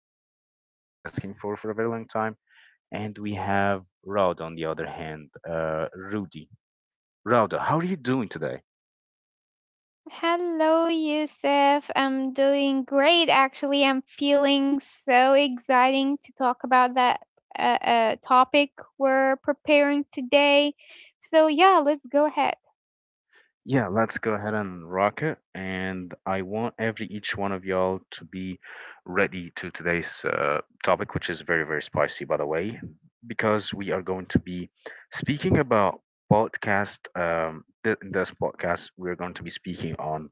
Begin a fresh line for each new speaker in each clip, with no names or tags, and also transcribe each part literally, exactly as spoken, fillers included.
also y'all been asking for for a very long time. And we have Raud on the other hand, uh, Rudy. Rauda, how are you doing today?
Hello, Yusuf. I'm doing great. Actually, I'm feeling so exciting to talk about that uh, uh, topic we're preparing today. So, yeah, let's go ahead.
Yeah, let's go ahead and rock it. And I want every each one of y'all to be ready to today's uh, topic, which is very, very spicy, by the way, because we are going to be speaking about podcast. Um, th- in this podcast, we are going to be speaking on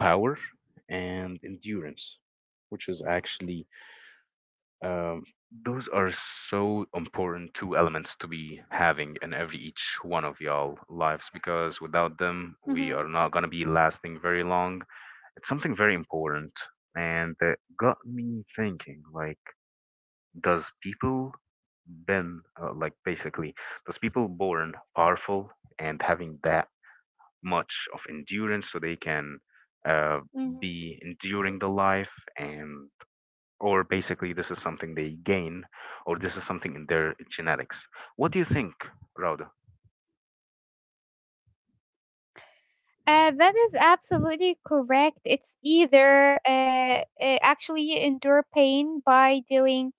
power and endurance, which is actually um, those are so important two elements to be having in every each one of y'all lives, because without them we
hmm
are not going to be lasting very long. It's something very important, and that got me thinking, like, does people been uh, like, basically, does people born powerful and having that much of endurance so they can uh,
hmm
be enduring the life, and or basically this is something they gain, or this is something in their genetics? What do you think, Rauda?
Uh, that is absolutely correct. It's either uh, uh, actually you endure pain by doing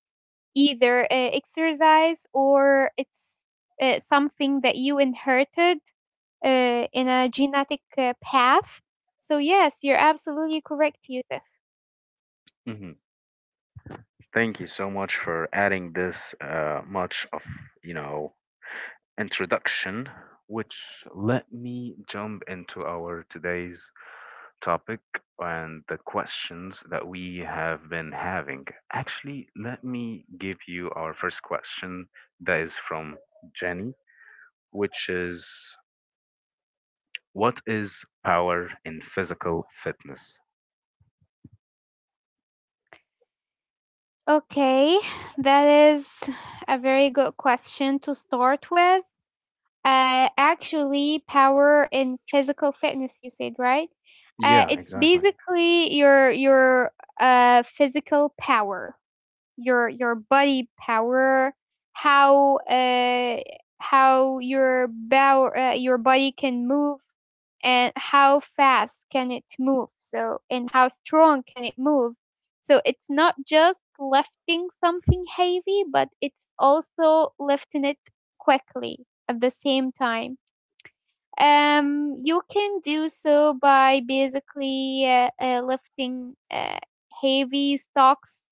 either uh, exercise, or it's uh, something that you inherited uh, in a genetic uh, path. So, yes, you're absolutely correct, Yusuf.
hmm Thank you so much for adding this uh, much of you know introduction, which let me jump into our today's topic and the questions that we have been having. Actually, let me give you our first question that is from Jenny, which is, what is power in physical fitness?
Okay, that is a very good question to start with. Uh, actually, power in physical fitness, you said, right? Uh,
Yeah,
it's
exactly.
basically your your uh, physical power, your your body power, how uh, how your bow, uh, your body can move, and how fast can it move, so and how strong can it move. So it's not just lifting something heavy, but it's also lifting it quickly at the same time. Um you can do so by basically uh, uh, lifting uh, heavy stocks,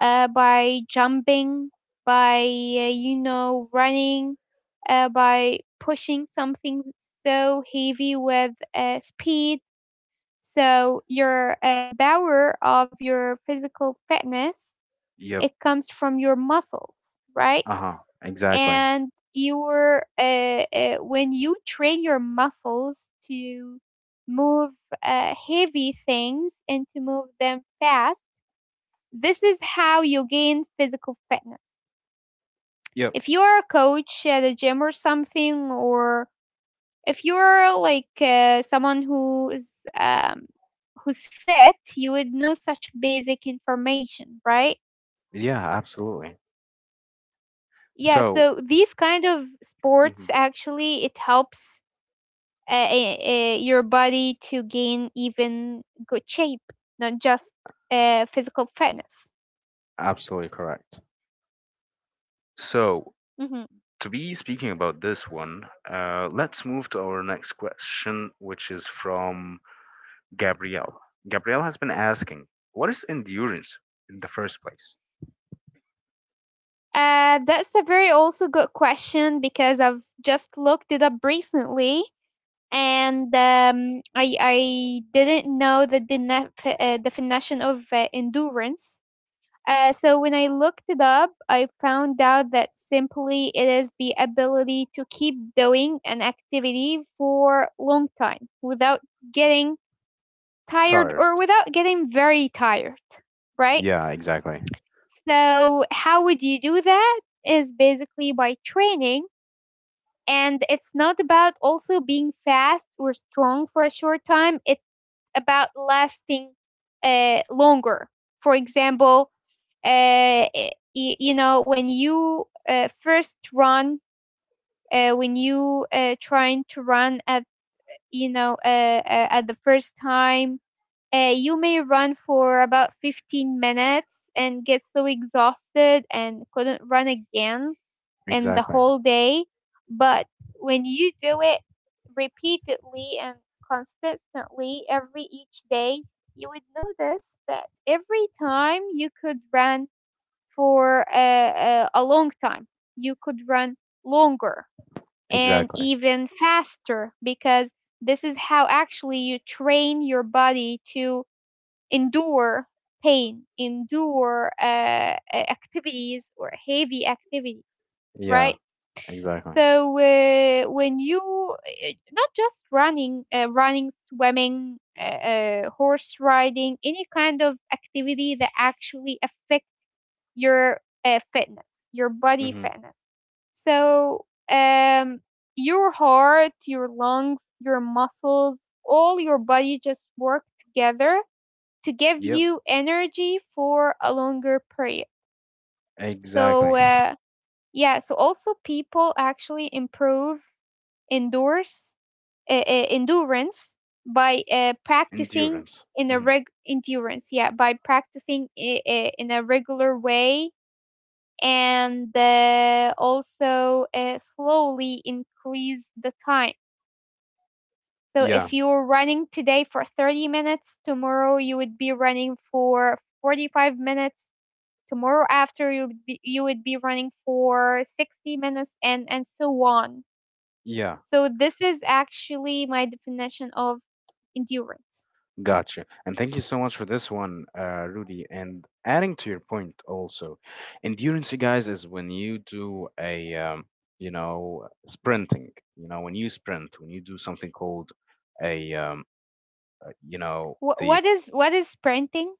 uh, by jumping, by, uh, you know, running, uh, by pushing something so heavy with uh, speed. So your uh, power of your physical fitness,
Yep.
it comes from your muscles, right?
Uh huh. Exactly.
And your uh, uh, when you train your muscles to move uh, heavy things and to move them fast, this is how you gain physical fitness.
Yep.
If you are a coach at a gym or something, or if you're like uh, someone who is um, who's fit, you would know such basic information, right?
Yeah, absolutely.
Yeah,
So,
so these kind of
hmm
sports actually, it helps uh, uh, your body to gain even good shape, not just uh, physical fitness.
absolutely correct. So,
hmm
to be speaking about this one, uh, let's move to our next question, which is from Gabrielle. Gabrielle has been asking, what is endurance in the first place?
uh, that's a very also good question, because I've just looked it up recently. And um, I I didn't know the dena- f- uh, definition of uh, endurance. Uh, so when I looked it up, I found out that simply it is the ability to keep doing an activity for long time without getting tired,
Tired.
or without getting very tired, right?
Yeah, exactly.
So how would you do that? Is basically by training, and it's not about also being fast or strong for a short time. It's about lasting uh, longer. For example, uh, y- you know, when you uh, first run, uh, when you uh, trying to run at, you know, uh, uh, at the first time, uh, you may run for about fifteen minutes and get so exhausted and couldn't run again in the
Exactly.
whole day. But when you do it repeatedly and consistently every each day, you would notice that every time you could run for a, a, a long time, you could run longer and
Exactly.
even faster, because this is how actually you train your body to endure pain, endure uh, uh, activities or heavy activities,
Yeah,
right?
exactly.
So uh, when you uh, not just running, uh, running, swimming, uh, uh, horse riding, any kind of activity that actually affect your uh, fitness, your body
hmm
fitness. So um, your heart, your lungs, your muscles, all your body just work together to give
Yep.
you energy for a longer period. So,
Exactly.
uh, yeah, so also people actually improve endurance, uh, uh, endurance by uh, practicing
Endurance.
in a
hmm
reg endurance, yeah, by practicing i- i- in a regular way, and uh, also uh, slowly increase the time. So
Yeah.
if you're running today for thirty minutes, tomorrow you would be running for forty-five minutes, tomorrow after you would be, you would be running for sixty minutes and and so on.
Yeah.
So this is actually my definition of endurance.
Gotcha. And thank you so much for this one, uh, Rudy. And adding to your point also, endurance, you guys, is when you do a, um, you know, sprinting, you know, when you sprint, when you do something called a, um, uh, you know,
Wh-
the—
what is, what is sprinting,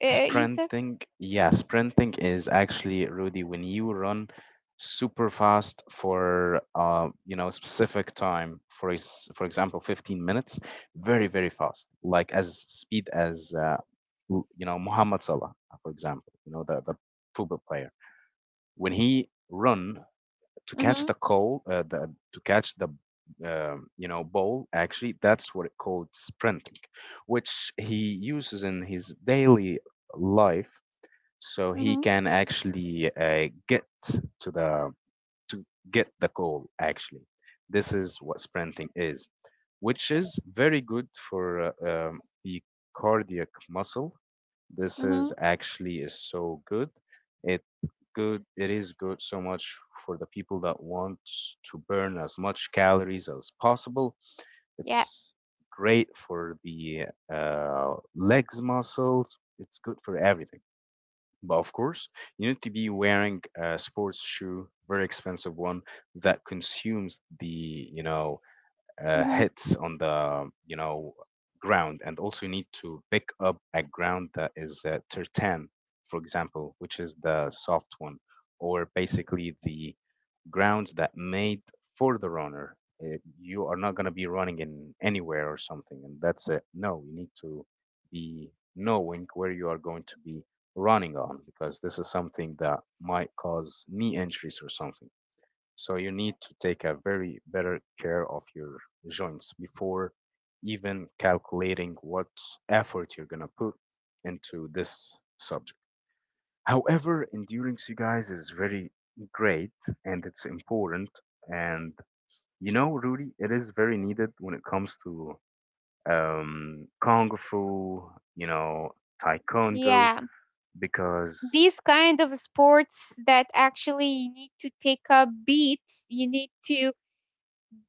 uh, you said?
sprinting, yeah, sprinting is actually, Rudy, when you run super fast for uh, you know, specific time, for ex- for example, fifteen minutes, very, very fast, like as speed as uh, l- you know, Mohamed Salah, for example, you know, the the football player. When he run to catch the
mm-hmm
goal, uh, the to catch the um, you know, ball, actually, that's what it called sprinting, which he uses in his daily life, so he
mm-hmm
can actually uh, get to the— to get the goal, actually. This is what sprinting is, which is very good for uh, um, the cardiac muscle. This is
mm-hmm
actually is so good. It good— it is good so much for the people that want to burn as much calories as possible.
yeah.
It's great for the uh, legs muscles. It's good for everything, but of course, you need to be wearing a sports shoe, very expensive one, that consumes the you know uh,
Mm-hmm.
hits on the you know ground. And also, you need to pick up a ground that is uh, tertan, for example, which is the soft one, or basically the grounds that made for the runner. Uh, you are not going to be running in anywhere or something and that's it. No, you need to be knowing where you are going to be running on, because this is something that might cause knee injuries or something. So you need to take a very better care of your joints before even calculating what effort you're gonna put into this subject. However, endurance, you guys, is very great, and it's important. And you know, Rudy, it is very needed when it comes to um, kung fu, you know, taekwondo,
yeah
because
these kind of sports that actually you need to take up beats, you need to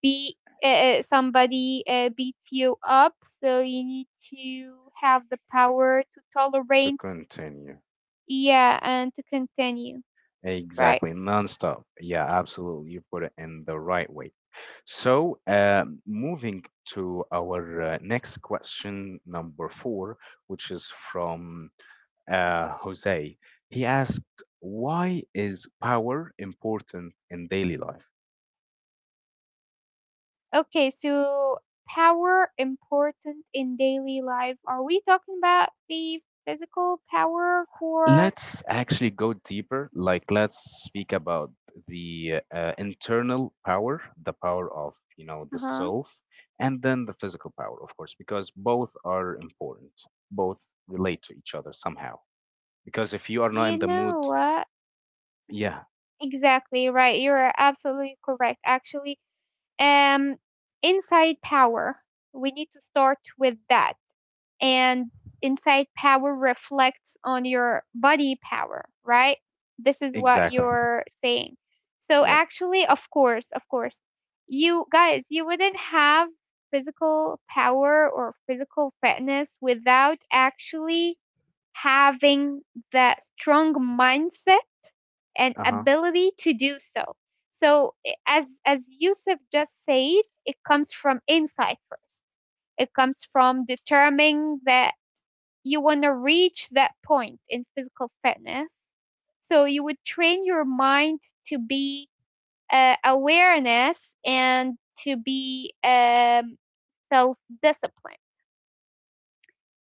be uh, somebody uh, beat you up, so you need to have the power to
to
tolerate.
continue.
Yeah, and to continue. Right.
Exactly, nonstop. Yeah, absolutely. You put it in the right way. So, um, moving to our uh, next question, number four, which is from uh, Jose. He asked, why is power important in daily life?
Okay, so power important in daily life. Are we talking about the physical power for—
Let's actually go deeper. Like, let's speak about the uh, internal power, the power of, you know, the
Uh-huh.
self, and then the physical power, of course, because both are important. Both relate to each other somehow. Because if you are not in
You
the mood,
know what?
yeah,
Exactly right. You're absolutely correct. Actually, um, inside power. We need to start with that. And inside power reflects on your body power, right? This is what
exactly.
you're saying. So,
Yep.
actually, of course, of course, you guys, you wouldn't have physical power or physical fitness without actually having that strong mindset and
Uh huh.
ability to do so. So, i- as as Yusuf just said, it comes from inside first. It comes from determining that you want to reach that point in physical fitness. So you would train your mind to be uh, awareness, and to be um, self discipline.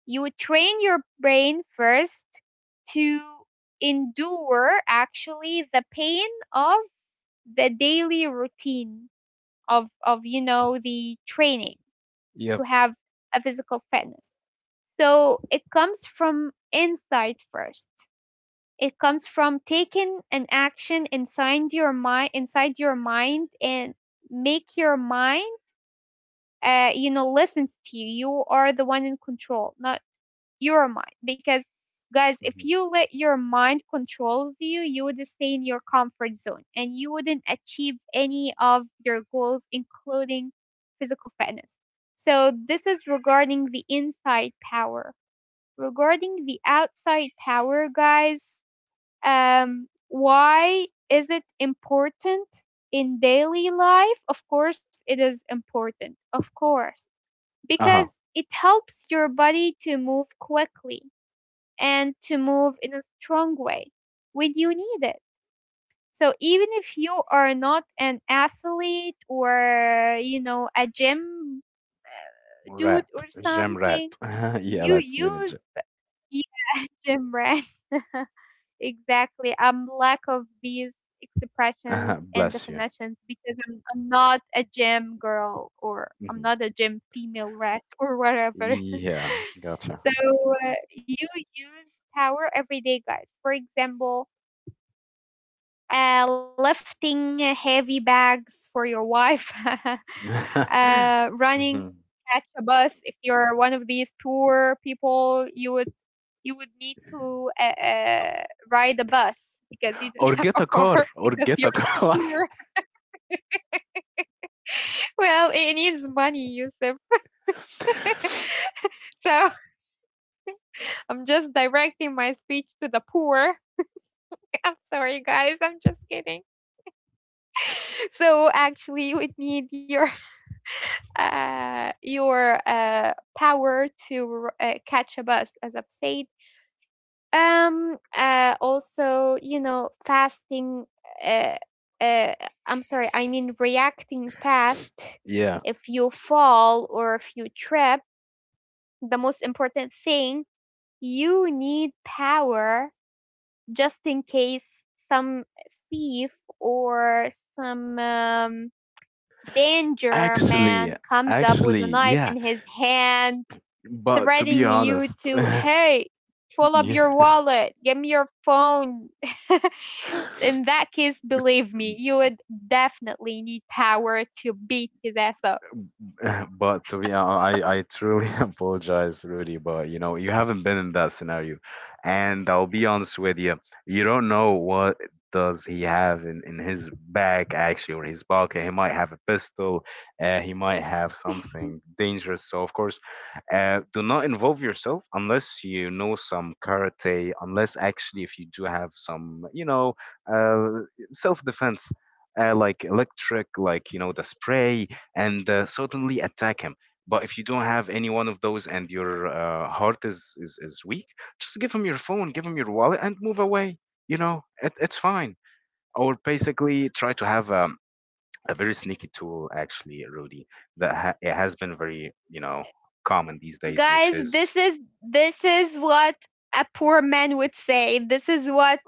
You would train your brain first to endure actually the pain of the daily routine of of you know, the training, to
Yep.
have a physical fitness. So it comes from inside first. It comes from taking an action inside your mind, inside your mind, and make your mind, uh, you know, listens to you. You are the one in control, not your mind. Because guys, if
Mhm.
you let your mind controls you, you would stay in your comfort zone, and you wouldn't achieve any of your goals, including physical fitness. So this is regarding the inside power. Regarding the outside power, guys, um why is it important in daily life? Of course it is important, of course,
Uh huh.
because it helps your body to move quickly and to move in a strong way when you need it. So even if you are not an athlete or, you know, a gym dude
Rat.
or
Gem
something,
rat. Yeah,
you
let's name
use—
it.
Yeah, gym rat. Exactly. I'm lack of these expressions
Uh-huh,
and
bless you.
definitions, because I'm I'm not a gym girl, or I'm
Mhm.
not a gym female rat or whatever.
Yeah, gotcha.
So uh, you use power every day, guys. For example, uh, lifting heavy bags for your wife, uh, running,
Mhm.
catch a bus. If you're one of these poor people, you would, you would need to uh, uh, ride a bus, because you don't
Or
have
get
a
a car,
car
or
because
get
you're
a
too
car.
poor. Well, it needs money, Yusuf. So I'm just directing my speech to the poor. I'm sorry, guys. I'm just kidding. So actually, you would need your uh, your uh, power to r- uh, catch a bus, as I've said. Um, uh, also, you know, fasting, uh, uh, I'm sorry, I mean reacting fast.
Yeah,
If you fall or if you trip, the most important thing, you need power just in case some thief, or some um, danger
actually,
man comes up with
actually,
a knife
yeah.
in his hand,
But to be
threatening you
honest,
to, hey, pull up
yeah.
your wallet, give me your phone. In that case, believe me, you would definitely need power to beat his ass up.
But to be honest, I, I truly apologize, Rudy, but you know, you haven't been in that scenario. And I'll be honest with you, you don't know what does he have in, in his bag actually or his pocket. He might have a pistol, uh, he might have something dangerous. So of course, uh, do not involve yourself unless you know some karate, unless actually if you do have some, you know, uh, self-defense. Uh, like electric, like you know, the spray, and uh, suddenly attack him. But if you don't have any one of those and your uh, heart is, is, is weak, just give him your phone, give him your wallet, and move away. You know, it, it's fine. Or basically try to have um, a very sneaky tool, actually, Rudy, that ha- it has been very, you know, common these days, which
Guys,
is—
this is this is what a poor man would say. This is what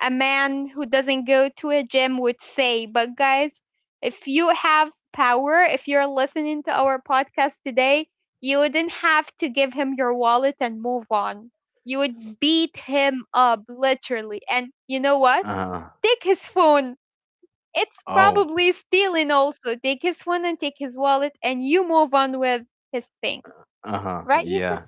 a man who doesn't go to a gym would say. But guys, if you have power, if you're listening to our podcast today, you wouldn't have to give him your wallet and move on. You would beat him up literally, and you know what,
uh-huh.
take his phone. It's
Oh,
probably stealing. Also take his phone and take his wallet, and you move on with his thing,
uh-huh.
right, Yusuf?
Yeah.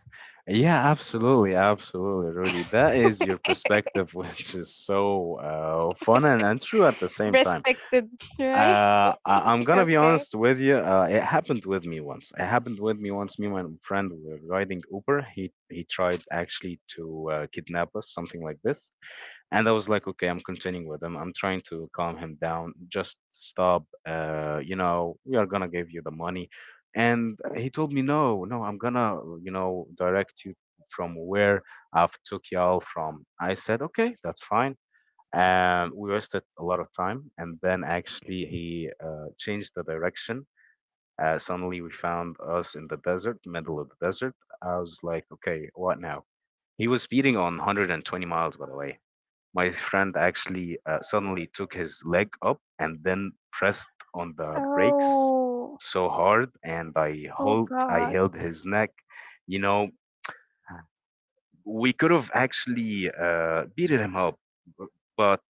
Yeah, absolutely. Absolutely, Rudy. That is your perspective, which is so uh, fun and, and true at the same time.
Respected, right?
Uh, I, I'm going to be
Okay.
honest with you. Uh, it happened with me once. It happened with me once. Me and my friend were riding Uber. He, he tried actually to uh, kidnap us, something like this. And I was like, okay, I'm continuing with him. I'm trying to calm him down. Just stop. Uh, you know, we are gonna give you the money. And he told me, no, no, I'm gonna, you know, direct you from where I've took y'all from. I said, okay, that's fine. And we wasted a lot of time. And then actually, he uh, changed the direction. Uh, suddenly, we found us in the desert, middle of the desert. I was like, okay, what now? He was speeding on one hundred twenty miles, by the way. My friend actually uh, suddenly took his leg up and then pressed on the brakes
Oh,
so hard, and I
oh
hold, I
God.
held his neck. You know, we could have actually uh, beaten him up, b- but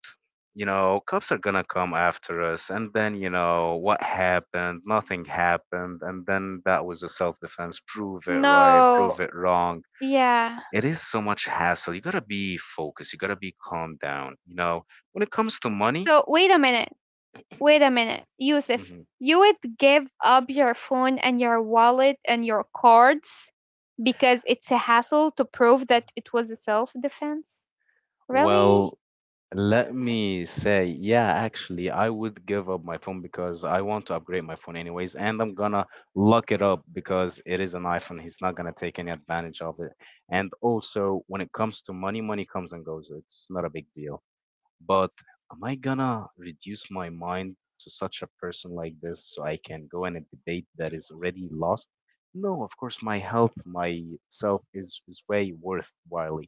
you know, cops are gonna come after us, and then you know what happened? Nothing happened, and then that was a self-defense. Prove it right,
No.
prove it wrong.
Yeah.
It is so much hassle. You gotta be focused. You gotta be calmed down. You know, when it comes to money,
So wait a minute. Wait a minute, Yusuf,
mhm,
you would give up your phone and your wallet and your cards because it's a hassle to prove that it was a self defense? Really?
well, let me say, yeah, actually, I would give up my phone because I want to upgrade my phone anyways, and I'm gonna lock it up because it is an iPhone. He's not gonna take any advantage of it. And also, when it comes to money, money comes and goes. It's not a big deal. But am I gonna reduce my mind to such a person like this so I can go in a debate that is already lost? No, of course, my health, myself is, is way worthwhile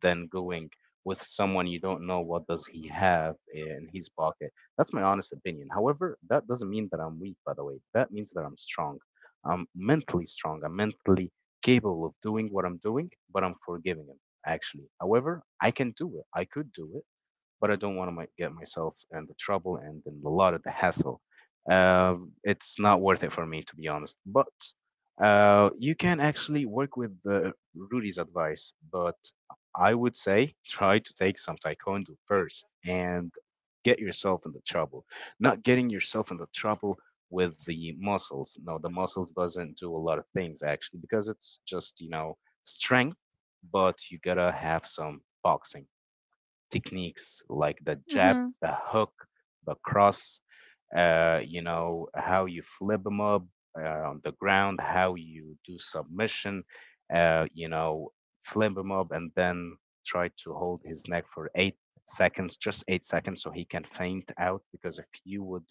than going with someone you don't know what does he have in his pocket. That's my honest opinion. However, that doesn't mean that I'm weak, by the way. That means that I'm strong. I'm mentally strong. I'm mentally capable of doing what I'm doing, but I'm forgiving him, actually. However, I can do it. I could do it, but I don't want to my, get myself in the trouble and in a lot of the hassle. Um, it's not worth it for me, to be honest. But uh, you can actually work with uh, Rudy's advice, but I would say try to take some taekwondo first and get yourself in the trouble. Not getting yourself in the trouble with the muscles. No, the muscles doesn't do a lot of things actually, because it's just you know strength, but you gotta have some boxing techniques like the jab,
Mm-hmm.
the hook, the cross, uh, you know, how you flip them up uh, on the ground, how you do submission, uh, you know, flip him up and then try to hold his neck for eight seconds, just eight seconds, so he can faint out. Because if you would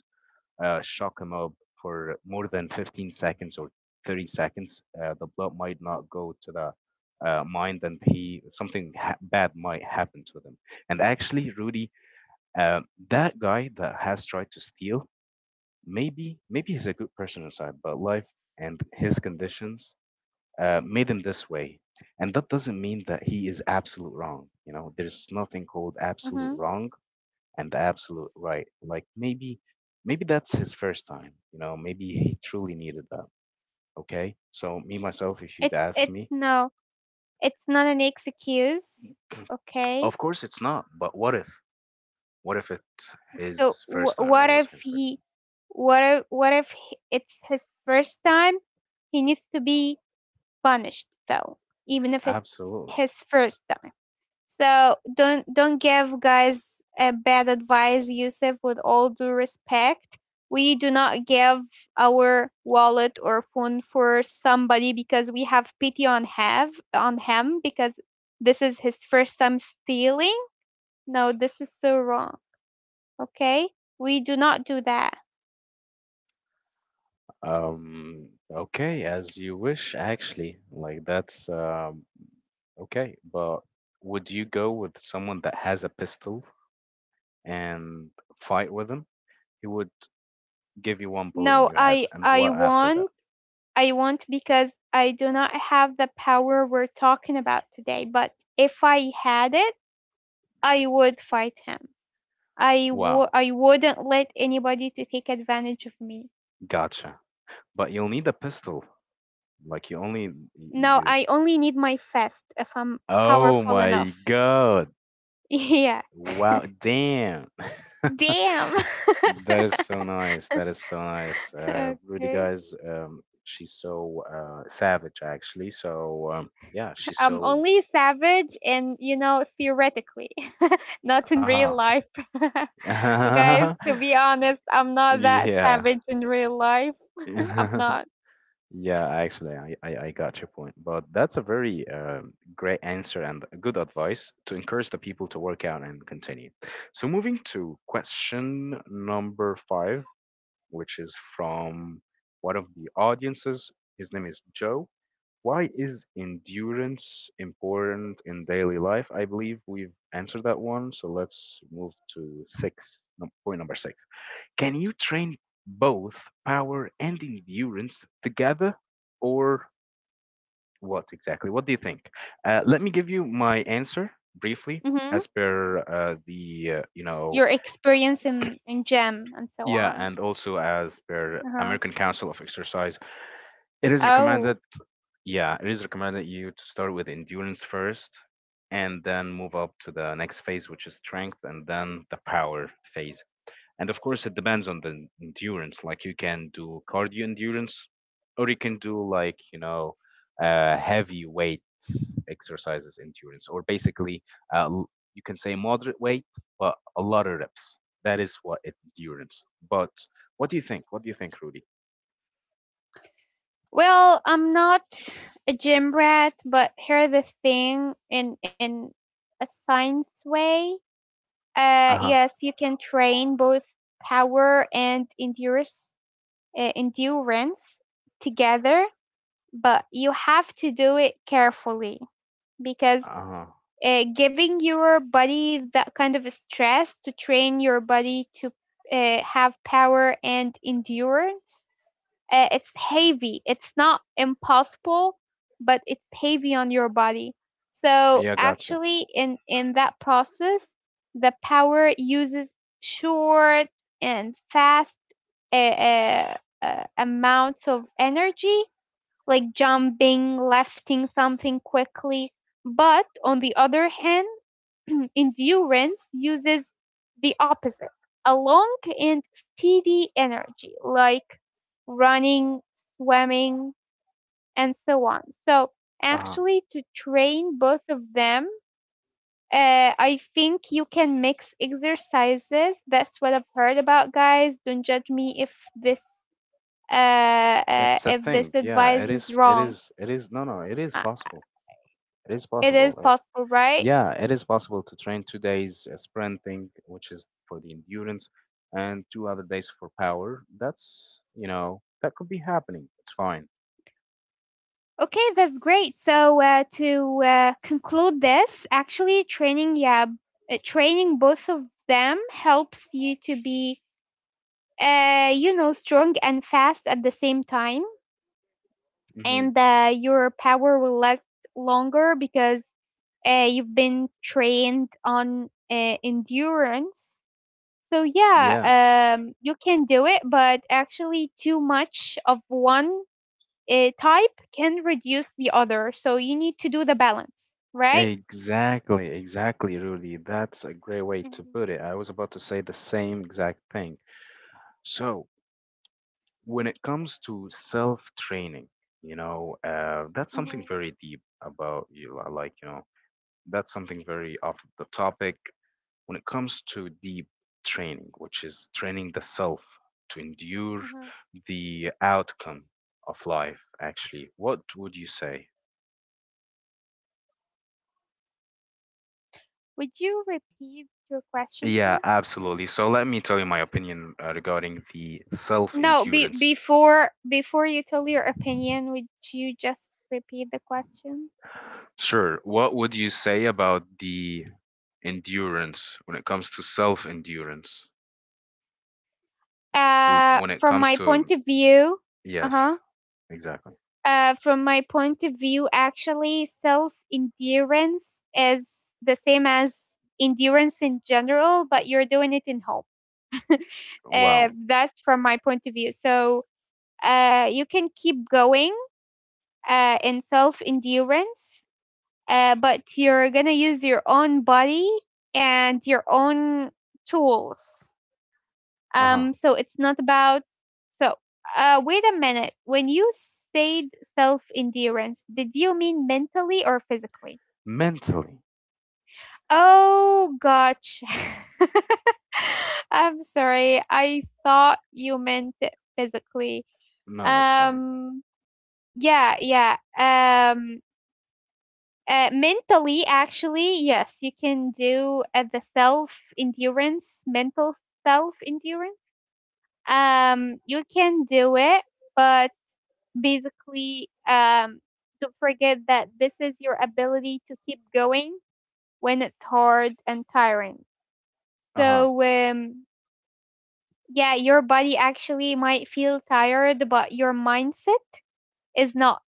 uh, shock him up for more than fifteen seconds or thirty seconds, uh, the blood might not go to the uh, mind, and he something ha- bad might happen to them. And actually, Rudy, uh, that guy that has tried to steal, maybe maybe he's a good person inside, but life and his conditions uh, made him this way. And that doesn't mean that he is absolute wrong. You know, there's nothing called
Mm-hmm.
absolute wrong and the absolute right. Like maybe, maybe that's his first time. You know, maybe he truly needed that. Okay. So me myself, if you'd
It's
ask
it's
me,
no. It's not an excuse. Okay.
of course it's not. But what if? What if it's
So
his first
wh-
time?
what
It was
if
his first
he, what if, what if h- it's his first time? He needs to be punished, though, even if
time.
it's
Absolutely.
his first time. So don't don't give guys a bad advice, Yusuf. With all due respect, we do not give our wallet or phone for somebody because we have pity on have on him because this is his first time stealing. No, this is so wrong. Okay, we do not do that.
Um. Okay, as you wish. Actually, like that's um. Okay, but would you go with someone that has a pistol and fight with him? He would give you one bullet in
No,
your head,
i
and
i
what after that?
won't. I won't, because I do not have the power we're talking about today. But if I had it, I would fight him. I would,
Wow,
I wouldn't let anybody to take advantage of me.
gotcha. But you'll need a pistol. Like you only y-
No,
you
I only need my fist if I'm
Oh
powerful
my
enough.
god.
Yeah,
Wow, damn.
damn.
That is so nice. That is so nice. Uh really
Okay,
guys, um she's so uh savage actually. So um yeah, she's
I'm
so
only savage and, you know, theoretically, not in real
uh-huh.
life. Guys, to be honest, I'm not that
Yeah.
savage in real life. I'm not.
Yeah, actually, I, I, I got your point. But that's a very um, great answer and good advice to encourage the people to work out and continue. So, moving to question number five, which is from one of the audiences. His name is Joe. Why is endurance important in daily life? I believe we've answered that one. So let's move to six, no, point number six. Can you train both power and endurance together, or what exactly? What do you think? Uh, let me give you my answer briefly
hmm
as per uh, the, uh, you know,
Your experience in, in gym and so
yeah,
on.
and also as per
Uh-huh.
American Council of Exercise, it is recommended.
Oh,
Yeah, it is recommended you to start with endurance first, and then move up to the next phase, which is strength, and then the power phase. And of course, it depends on the endurance. Like you can do cardio endurance, or you can do like you know, uh, heavy weight exercises endurance, or basically uh, l- you can say moderate weight, but a lot of reps. That is what it- endurance. But what do you think? What do you think, Rudy?
well, I'm not a gym rat, but here's the thing, in in a science way. Uh,
Uh huh.
yes, you can train both power and endurance, uh, endurance together, but you have to do it carefully, because
Uh huh.
uh, giving your body that kind of stress to train your body to uh, have power and endurance, Uh, it's heavy. It's not impossible, but it's heavy on your body. So
Yeah, gotcha.
actually, in in that process, the power uses short and fast uh, uh, uh, amounts of energy, like jumping, lifting something quickly. But on the other hand, endurance uses the opposite, a long and steady energy, like running, swimming, and so on. So,
Uh huh.
actually, to train both of them, uh, I think you can mix exercises. That's what I've heard about, guys. Don't judge me if this uh, uh
It's a
if this
thing. Yeah,
advice
it
is
is. It
wrong.
is. It is. No, no. It is
I,
possible. It is
It is
possible. Eh,
possible, right?
yeah, it is possible to train two days uh, sprinting, which is for the endurance, and two other days for power. That's, you know, that could be happening. It's fine.
Okay, that's great. So uh, to uh, conclude this, actually training, yeah, uh, training both of them helps you to be, uh, you know, strong and fast at the same time,
Hmm.
and uh, your power will last longer because uh, you've been trained on uh, endurance. So
Yeah,
yeah, um, you can do it, but actually, too much of one uh, type can reduce the other. So you need to do the balance, right?
exactly, exactly, Rudy. That's a great way to
Mhm,
put it. I was about to say the same exact thing. So, when it comes to self-training, you know, uh, that's something
mhm,
very deep about you. Like, you know, that's something very off the topic. When it comes to deep training, which is training the self to endure
mhm.
the outcome of life, actually, what would you say?
Would you repeat your question,
Yeah,
please?
absolutely. So let me tell you my opinion uh, regarding the self
No, be-
endurance.
before before you tell your opinion, would you just repeat the question.
Sure. What would you say about the endurance when it comes to self endurance?
Uh
When it
from
comes
my
to,
point of view, uh-huh.
yes, exactly.
Uh, from my point of view, actually, self endurance is the same as endurance in general, but you're doing it in home. Uh,
Wow.
that's from my point of view. So Uh, you can keep going uh, in self endurance, uh, but you're going to use your own body and your own tools.
Uh huh.
Um, so it's not about. So, uh, wait a minute. When you said self endurance, did you mean mentally or physically?
Mentally.
Oh, gosh, I'm sorry. I thought you meant it physically.
No, that's fine.
Um, yeah, yeah. Um, Uh, mentally, actually, yes, you can do uh, the self endurance, mental self endurance. Um, you can do it, but basically, um, don't forget that this is your ability to keep going when it's hard and tiring.
Uh huh.
So, um, yeah, your body actually might feel tired, but your mindset is not.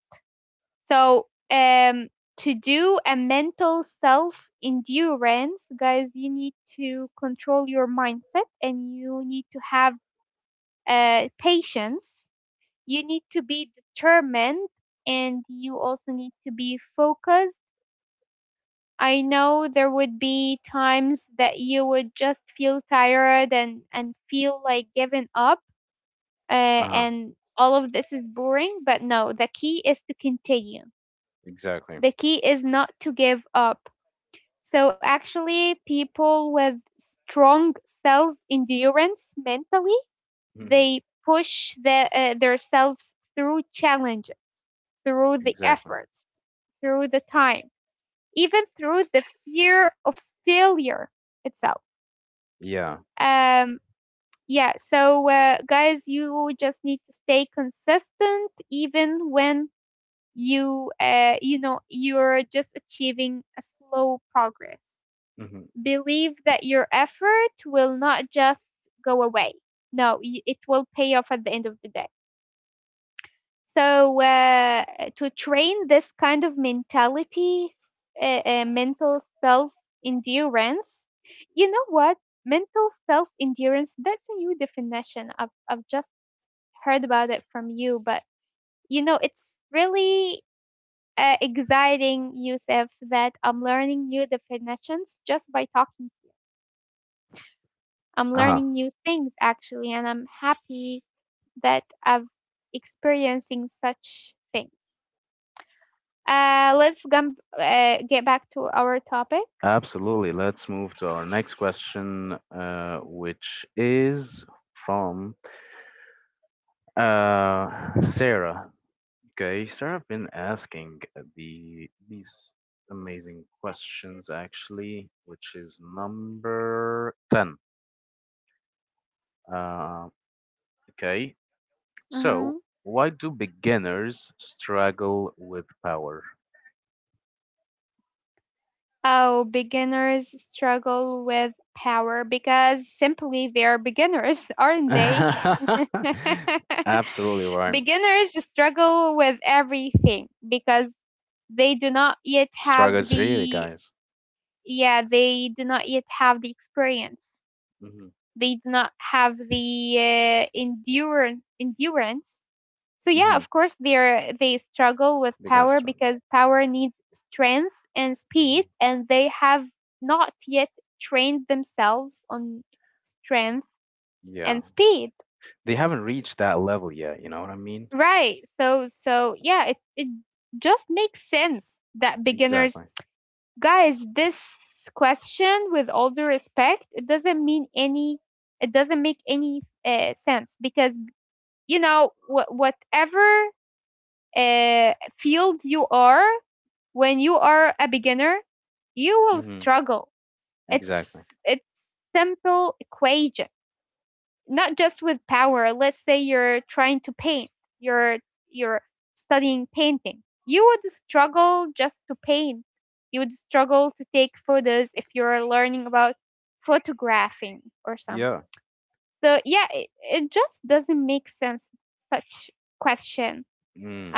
So, um, to do a mental self endurance, guys, you need to control your mindset and you need to have uh, patience. You need to be determined and you also need to be focused. I know there would be times that you would just feel tired and, and feel like giving up, uh,
Uh huh.
and all of this is boring, but no, the key is to continue.
Exactly.
The key is not to give up. So actually, people with strong self-endurance mentally,
Mhm.
they push the, uh, themselves through challenges, through the
Exactly.
efforts, through the time, even through the fear of failure itself.
Yeah.
Um, yeah. So, uh, guys, you just need to stay consistent, even when you, uh, you know, you're just achieving a slow progress.
Mm-hmm.
Believe that your effort will not just go away. No, y- it will pay off at the end of the day. So, uh, to train this kind of mentality, s- uh, uh, mental self endurance, you know what? Mental self endurance, that's a new definition. I've, I've just heard about it from you, but you know, it's really uh, exciting, Yusuf, that I'm learning new definitions just by talking. I'm
Uh-huh.
learning new things actually, and I'm happy that I'm experiencing such things. Uh, let's gum- uh, get back to our topic.
Absolutely. Let's move to our next question, uh, which is from uh, Sarah. Okay, Sarah have been asking the these amazing questions actually, which is number ten. Uh, okay, so
Mm-hmm.
why do beginners struggle with power?
Oh, beginners struggle with power because simply they're beginners, aren't they?
Absolutely right.
Beginners struggle with everything because they do not yet have
Struggles really,
the,
guys.
yeah, they do not yet have the experience.
Hmm.
They do not have the uh, endurance endurance, so yeah,
Hmm.
of course they're they struggle with
They're gonna
power
struggle.
because power needs strength and
Hmm.
speed, and they have not yet trained themselves on strength
Yeah,
and speed.
they haven't reached that level yet. You know what I mean?
Right. So so yeah, it it just makes sense that beginners,
Exactly.
guys, this question, with all due respect, it doesn't mean any, it doesn't make any uh, sense because you know wh- whatever uh, field you are, when you are a beginner, you will
Hmm.
struggle.
Exactly.
It's it's simple equation, not just with power. Let's say you're trying to paint, you're you're studying painting. You would struggle just to paint. You would struggle to take photos if you're learning about photographing or something.
Yeah.
So yeah, it, it just doesn't make sense such question.
Mm.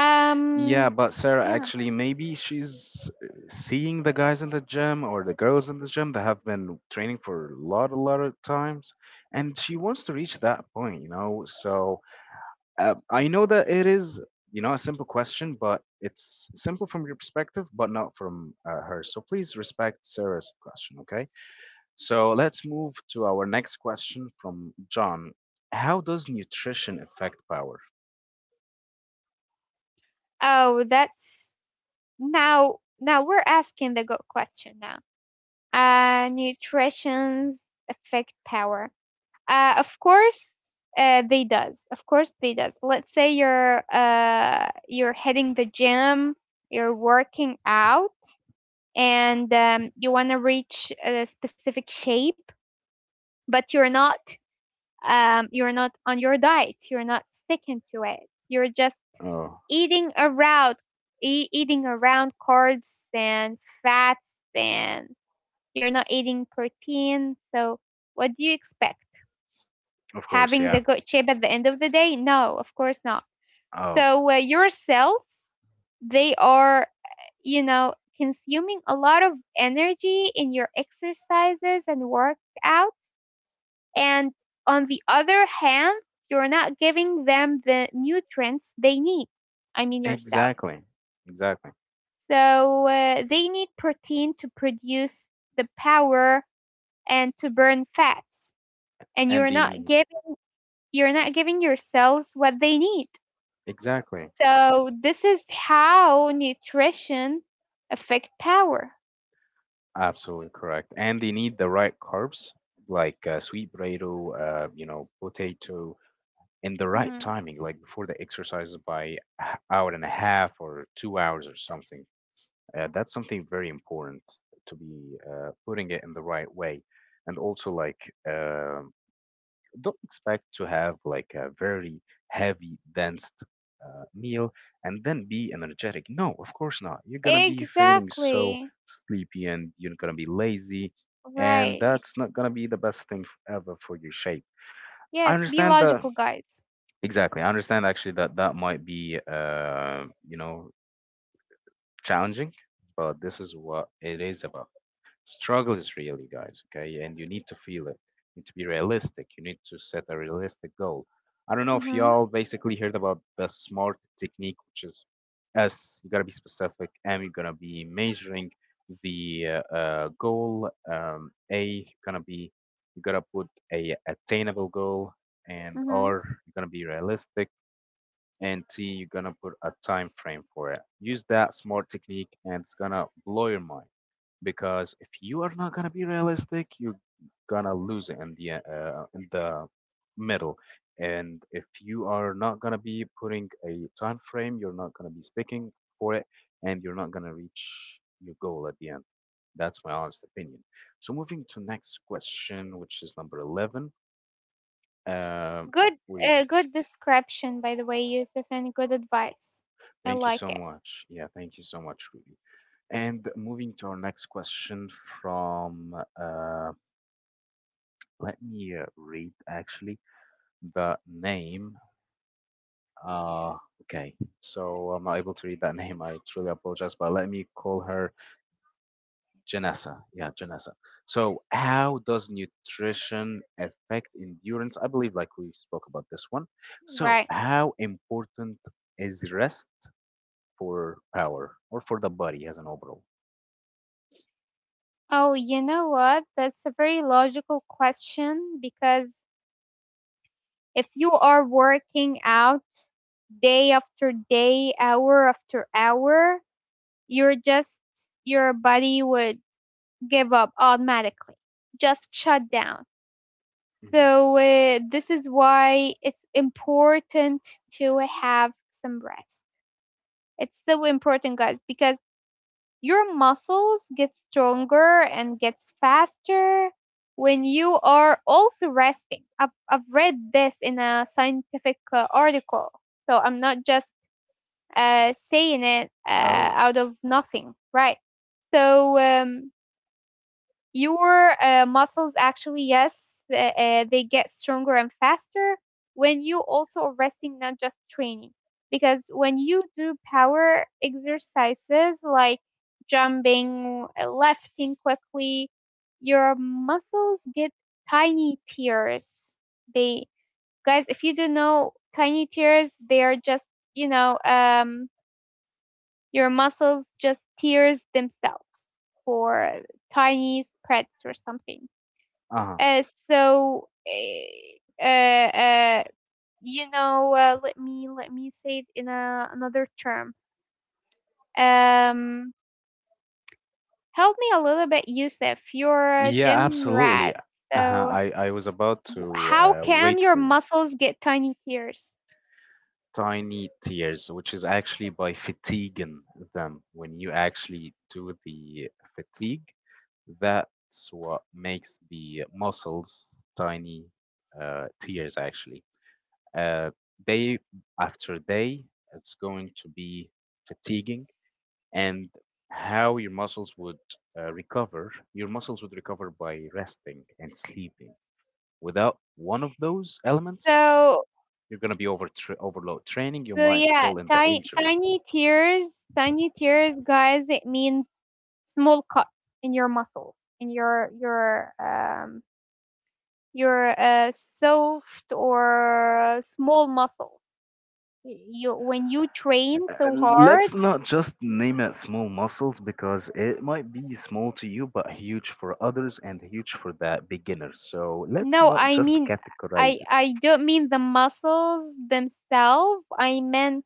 Yeah, but Sarah,
yeah.
actually, maybe she's uh, seeing the guys in the gym or the girls in the gym that have been training for a lot, a lot of times, and she wants to reach that point, you know. So uh, I know that it is, you know, a simple question, but it's simple from your perspective, but not from uh, hers. So please respect Sarah's question, okay? So let's move to our next question from John. How does nutrition affect power?
Oh, that's, now now we're asking the good question now. Uh nutrition's affect power. Uh of course uh they does. Of course they does. Let's say you're uh you're hitting the gym, you're working out and um, you want to reach a specific shape, but you're not um you're not on your diet. You're not sticking to it. You're just
Oh,
eating around e- eating around carbs and fats, and you're not eating protein, so what do you expect,
of course,
having the
yeah.
good shape at the end of the day? No, of course not.
Oh,
So uh, your cells, they are, you know, consuming a lot of energy in your exercises and workouts, and on the other hand, you're not giving them the nutrients they need. I mean your cells.
exactly. Exactly.
So uh, they need protein to produce the power and to burn fats. And
And
you're
they
not
need,
giving, you're not giving your cells what they need.
exactly.
So this is how nutrition affect power.
Absolutely correct. And they need the right carbs, like uh, sweet potato, uh, you know, potato, in the right
Mhm.
timing, like before the exercises by h- hour and a half or two hours or something. Uh, that's something very important to be uh, putting it in the right way. And also, like, um don't expect to have like a very heavy, dense uh, meal and then be energetic. No, of course not. You're gonna be feeling so
Exactly.
sleepy and you're gonna be lazy, and
Right.
that's not gonna be the best thing f- ever for your shape. I
Yes, be
understand that
logical, guys.
exactly. I understand actually that that might be uh, you know challenging, but this is what it is about. Struggle is real, you guys, okay? And you need to feel it. You need to be realistic. You need to set a realistic goal. I don't know if
Hmm.
y'all basically heard about the SMART technique, which is S, you gotta be specific, M, you're gonna be measuring the uh, uh, goal, um, A, you're gonna be, you gotta put a attainable goal, and
Hmm.
R, you're gonna be realistic, and T, you're gonna put a time frame for it. Use that smart technique, and it's gonna blow your mind. Because if you are not gonna be realistic, you're gonna lose it in the uh, in the middle. And if you are not gonna be putting a time frame, you're not gonna be sticking for it, and you're not gonna reach your goal at the end. That's my honest opinion. So moving to next question, which is number eleven. Um,
Good uh,
we
good description by the way, Yusuf, and good advice. I
Thank you
like
so
it.
much. Yeah, thank you so much, Rudy. And moving to our next question from, uh, let me uh, read actually the name. Uh, okay, so I'm not able to read that name. I truly apologize, but let me call her Janessa. Yeah, Janessa. So, how does nutrition affect endurance? I believe like we spoke about this one. So,
Right.
how important is rest for power or for the body as an overall?
Oh, you know what? That's a very logical question, because if you are working out day after day, hour after hour, you're just, your body would give up automatically, just shut down.
Mm-hmm.
So, uh, this is why it's important to have some rest. It's so important, guys, because your muscles get stronger and gets faster when you are also resting. I've, I've read this in a scientific uh, article, so I'm not just uh, saying it uh,
Oh,
out of nothing, right? So um, your uh, muscles actually, yes, uh, uh, they get stronger and faster when you also are resting, not just training, because when you do power exercises like jumping, uh, lifting quickly, your muscles get tiny tears. They, guys, if you don't know tiny tears, they are just, you know, um your muscles just tears themselves for tiny spreads or something.
uh-huh.
uh, so, uh, uh, you know, uh, let me let me say it in a, another term. Um, Help me a little bit, Yusuf. You're a
Yeah,
gym
absolutely.
rat.
Uh-huh.
So,
I, I was about to
how
uh,
can
wait
your
for you.
muscles get tiny tears?
Tiny tears, which is actually by fatiguing them. When you actually do the fatigue, that's what makes the muscles tiny uh, tears, actually. Uh, Day after day, it's going to be fatiguing and how your muscles would uh, recover. Your muscles would recover by resting and sleeping. Without one of those elements,
So,
you're going to be over tra- overload training. You
so
might
yeah,
fall into
tiny
injury.
tiny tears, tiny tears, guys. It means small cuts in your muscles, in your your um your uh, soft or small muscles. You when you train
Uh,
so hard.
Let's not just name it small muscles because it might be small to you, but huge for others and huge for the beginners. So let's
No,
not
I
just
mean, I
categorize it.
I don't mean the muscles themselves. I meant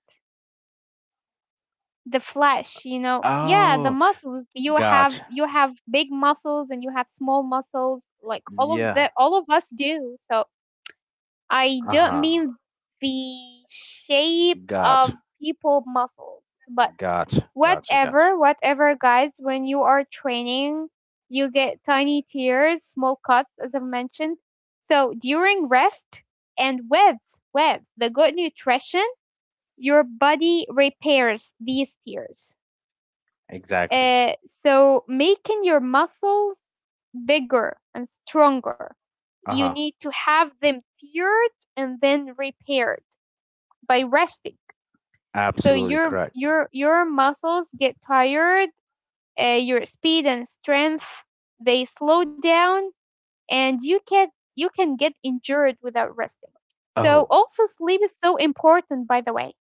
the flesh, you know. Yeah, the
Oh,
muscles. You have,
gotcha.
you have big muscles and you have small muscles. Like all of,
Yeah.
the all of us do. So I
Uh
don't
huh.
mean the shape of
Gotcha.
people muscles, but
Gotcha. Gotcha. Gotcha.
whatever whatever guys, when you are training, you get tiny tears, small cuts, as I mentioned. So during rest, and with with the good nutrition, your body repairs these tears,
Exactly.
uh, so making your muscles bigger and stronger.
Uh
You
huh.
need to have them teared and then repaired by resting. So
Absolutely
your
correct.
your your muscles get tired, uh, your speed and strength, they slow down, and you can, you can get injured without resting. So
Oh,
also sleep is so important, by the way.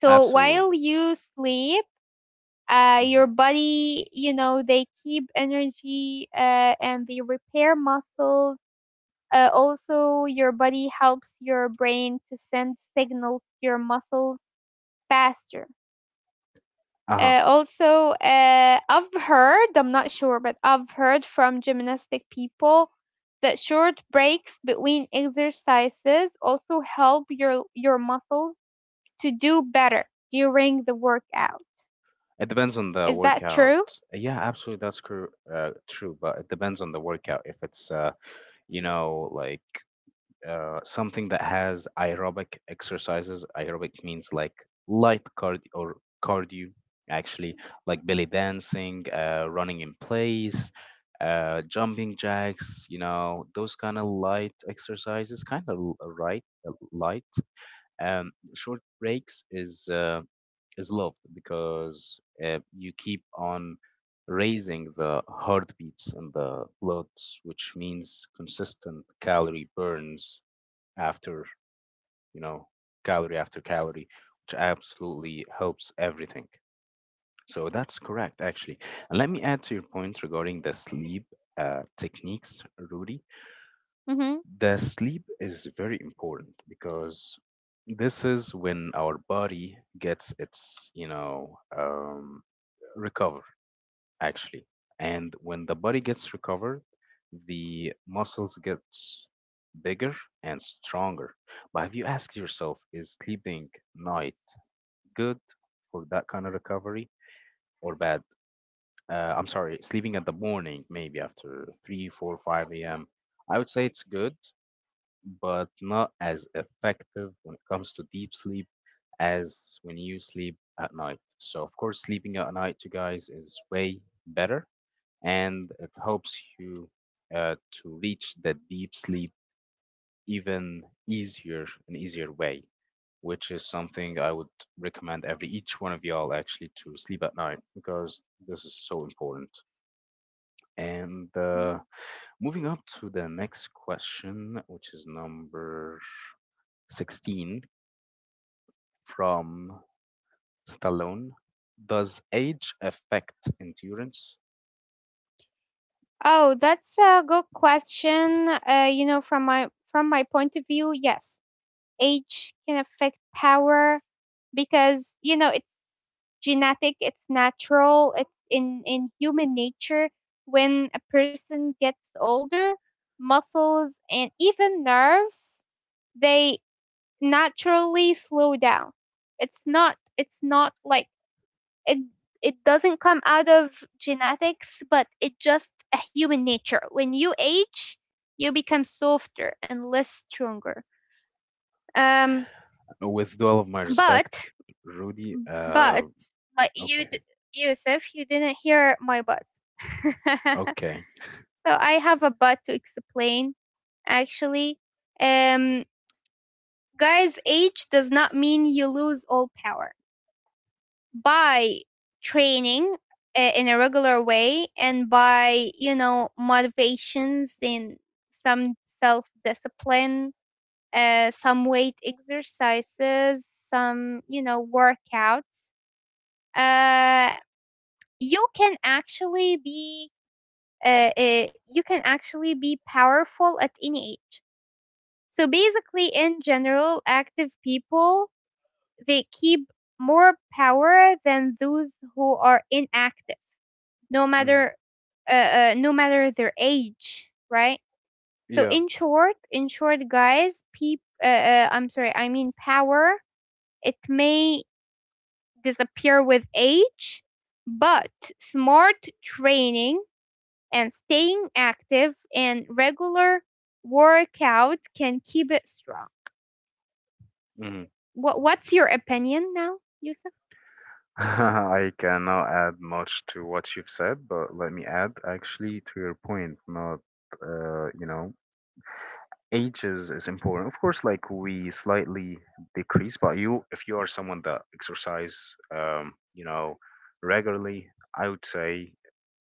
So while
absolutely.
you sleep, uh,
Hmm.
your body, you know, they keep energy uh, and they repair muscles. Uh, also, your body helps your brain to send signals to your muscles faster.
Uh huh.
Uh, also, uh, I've heard, I'm not sure, but I've heard from gymnastic people that short breaks between exercises also help your your muscles to do better during the workout.
It depends on the
Is that
workout.
true?
Yeah, absolutely. That's cor- uh, true. But it depends on the workout. If it's, uh, you know, like uh, something that has aerobic exercises. Aerobic means like light cardio or cardio, actually, like belly dancing, uh, running in place, uh, jumping jacks, you know, those kind of light exercises, kind of l- right, uh, light. Um, short breaks is uh, is loved because uh, you keep on raising the heartbeats and the bloods, which means consistent calorie burns after, you know, calorie after calorie, which absolutely helps everything. So that's correct actually, and let me add to your point regarding the sleep uh, techniques, Rudy.
Mm-hmm.
The sleep is very important because this is when our body gets its, you know um, recover, actually. And when the body gets recovered, the muscles gets bigger and stronger. But have you asked yourself, is sleeping night good for that kind of recovery or bad? Uh, I'm sorry, sleeping at the morning, maybe after three, four, five four a m, I would say it's good, but not as effective when it comes to deep sleep as when you sleep at night. So, of course, sleeping at night, you guys, is way better, and it helps you uh, to reach that deep sleep even easier an easier way, which is something I would recommend every each one of y'all actually to sleep at night because this is so important. And uh,
Mhm.
Moving up to the next question, which is number sixteen, from Stallone. Does age affect endurance?
Oh, that's a good question. Uh, you know, from my from my point of view, yes, age can affect power because, you know, it genetic, it's natural, it's in, in human nature. When a person gets older, muscles and even nerves, they naturally slow down. It's not it's not like it, it doesn't come out of genetics, but it just a human nature. When you age, you become softer and less stronger. Um,
With all of my
but
respect, Rudy. Uh,
but like you, d-
okay,
Yusuf, you didn't hear my but.
okay.
So I have a but to explain actually. Um, guys, age does not mean you lose all power. By training uh, in a regular way, and by, you know, motivations in some self-discipline, uh, some weight exercises, some, you know, workouts, uh you can actually be, uh, uh, you can actually be powerful at any age. So basically, in general, active people, they keep more power than those who are inactive, no
Mm,
matter, uh, uh, no matter their age, right? So
yeah.
in short, in short, guys, peop, uh, uh, I'm sorry, I mean power. It may disappear with age, but smart training and staying active and regular workout can keep it strong.
Mm.
What, what's your opinion now, Yusuf?
I cannot add much to what you've said, but let me add actually to your point. Not, uh, you know, ages is is important, of course. Like, we slightly decrease, but you if you are someone that exercise um you know regularly, I would say.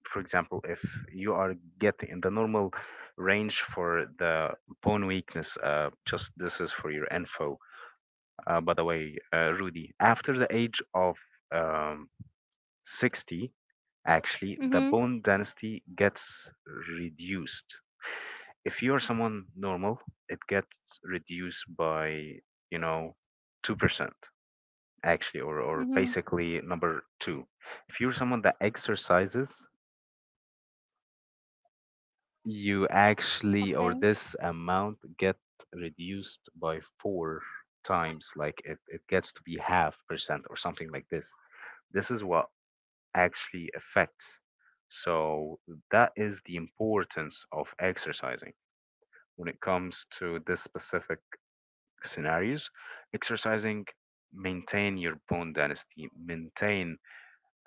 For example, if you are getting in the normal range for the bone weakness, uh just this is for your info. Uh by the way, uh Rudy, after the age of um sixty, actually the
Mhm.
bone density gets reduced. If you're someone normal, it gets reduced by, you know, two percent, actually. Or, or
Mhm.
basically number two. If you're someone that exercises, you actually, or
Okay.
this amount get reduced by four times. Like, it, it gets to be half percent or something like this. This is what actually affects. So that is the importance of exercising when it comes to this specific scenarios. Exercising maintain your bone density, maintain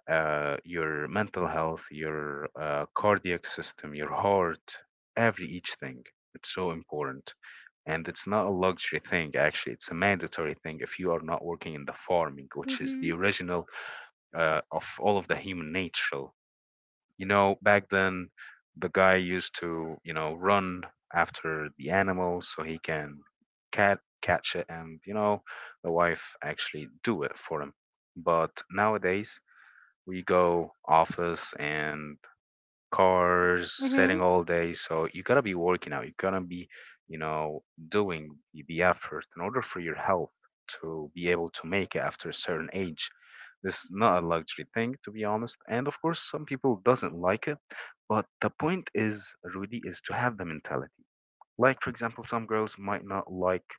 uh, your mental health, your uh, cardiac system, your heart, every each thing. It's so important. And it's not a luxury thing, actually. It's a mandatory thing if you are not working in the farming, which is the
Mhm.
original uh, of all of the human nature. You know, back then, the guy used to, you know, run after the animals so he can cat catch it, and you know, the wife actually do it for him. But nowadays, we go office and cars, sitting
Mhm.
all day. So you gotta be working out. You gotta be, you know, doing the the effort in order for your health to be able to make it after a certain age. This is not a luxury thing, to be honest. And of course, some people doesn't like it. But the point is, Rudy, is to have the mentality. Like, for example, some girls might not like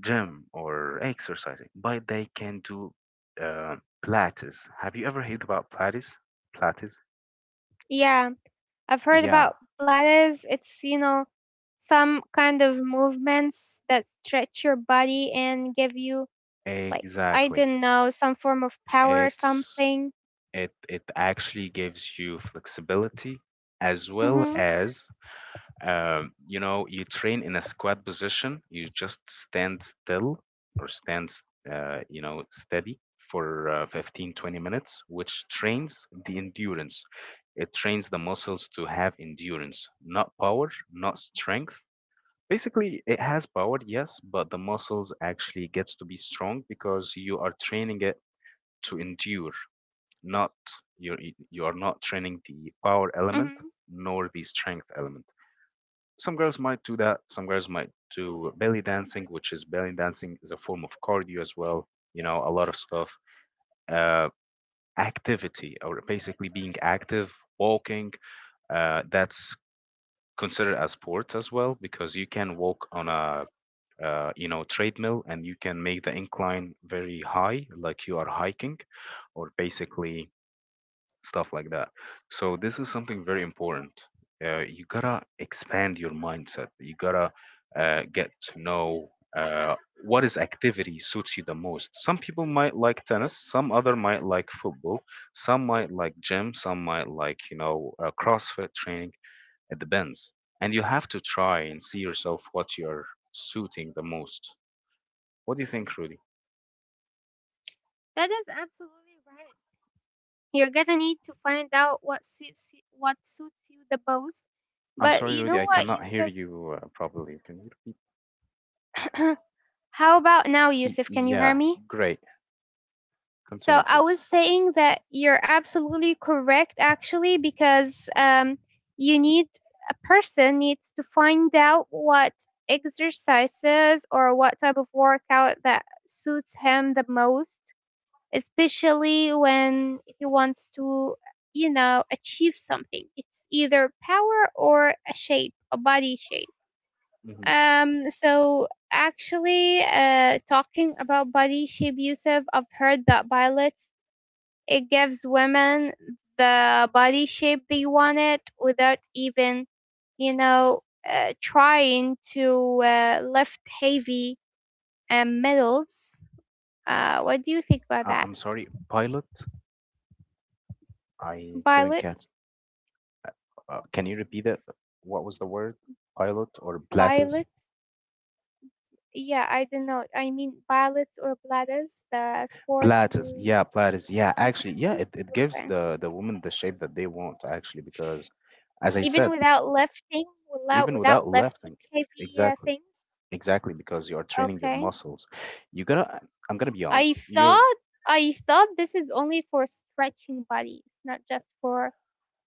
gym or exercising, but they can do uh, Pilates. Have you ever heard about Pilates? Pilates?
Yeah, I've heard
Yeah,
about Pilates. It's, you know, some kind of movements that stretch your body and give you like, I
exactly.
don't know, some form of power or
It's
something.
it it actually gives you flexibility as well as um, you know you train in a squat position. You just stand still or stand s- uh, you know steady for uh, fifteen twenty minutes, which trains the endurance. It trains the muscles to have endurance, not power, not strength. Basically, it has power, yes, but the muscles actually gets to be strong because you are training it to endure, not you're you are not training the power element
Mhm.
nor the strength element. Some girls might do that. Some girls might do belly dancing, which is belly dancing is a form of cardio as well. You know, a lot of stuff. Uh, activity or basically being active, walking. Uh, that's considered as sport as well because you can walk on a uh, you know treadmill, and you can make the incline very high, like you are hiking, or basically stuff like that. So this is something very important. Uh, you gotta expand your mindset. You gotta uh, get to know uh, what is activity suits you the most. Some people might like tennis. Some other might like football. Some might like gym. Some might like you know uh, CrossFit training. It depends. And you have to try and see yourself what you're suiting the most. What do you think, Rudy?
That is absolutely right. You're gonna need to find out what suits y- what suits you the most.
I'm
But
sorry,
you
Rudy.
know
I
what,
cannot hear
Yusuf?
you uh, properly. Can you repeat?
How about now,
Y-
Yusuf? Can you hear
yeah,
me?
great.
So
Continue,
I
please.
was saying that you're absolutely correct, actually, because um, you need a person needs to find out what exercises or what type of workout that suits him the most, especially when he wants to, you know, achieve something. It's either power or a shape, a body shape.
Hmm.
Um, so actually, uh, talking about body shape, Yusuf, I've heard that violets, it gives women the body shape they wanted without even, you know, uh, trying to uh, lift heavy um, metals. Uh, what do you think about
Uh,
that?
I'm sorry, pilot? I couldn't
Violets,
catch. Uh, uh, can you repeat it? What was the word? Pilot or platus?
violets. Yeah, I don't know. I mean, ballets or bladders, the sport
Platus.
you.
Yeah, platus. Yeah, actually, yeah,
Mhm.
it, it gives
Okay.
the, the woman the shape that they want, actually, because as I
Even
said,
without lifting, without
even without
without lifting
lifting,
heavy uh,
exactly.
things.
Exactly, because you are training your
Okay.
muscles. You're gonna, I'm gonna be honest.
I
You're,
thought I thought this is only for stretching body. It's not just for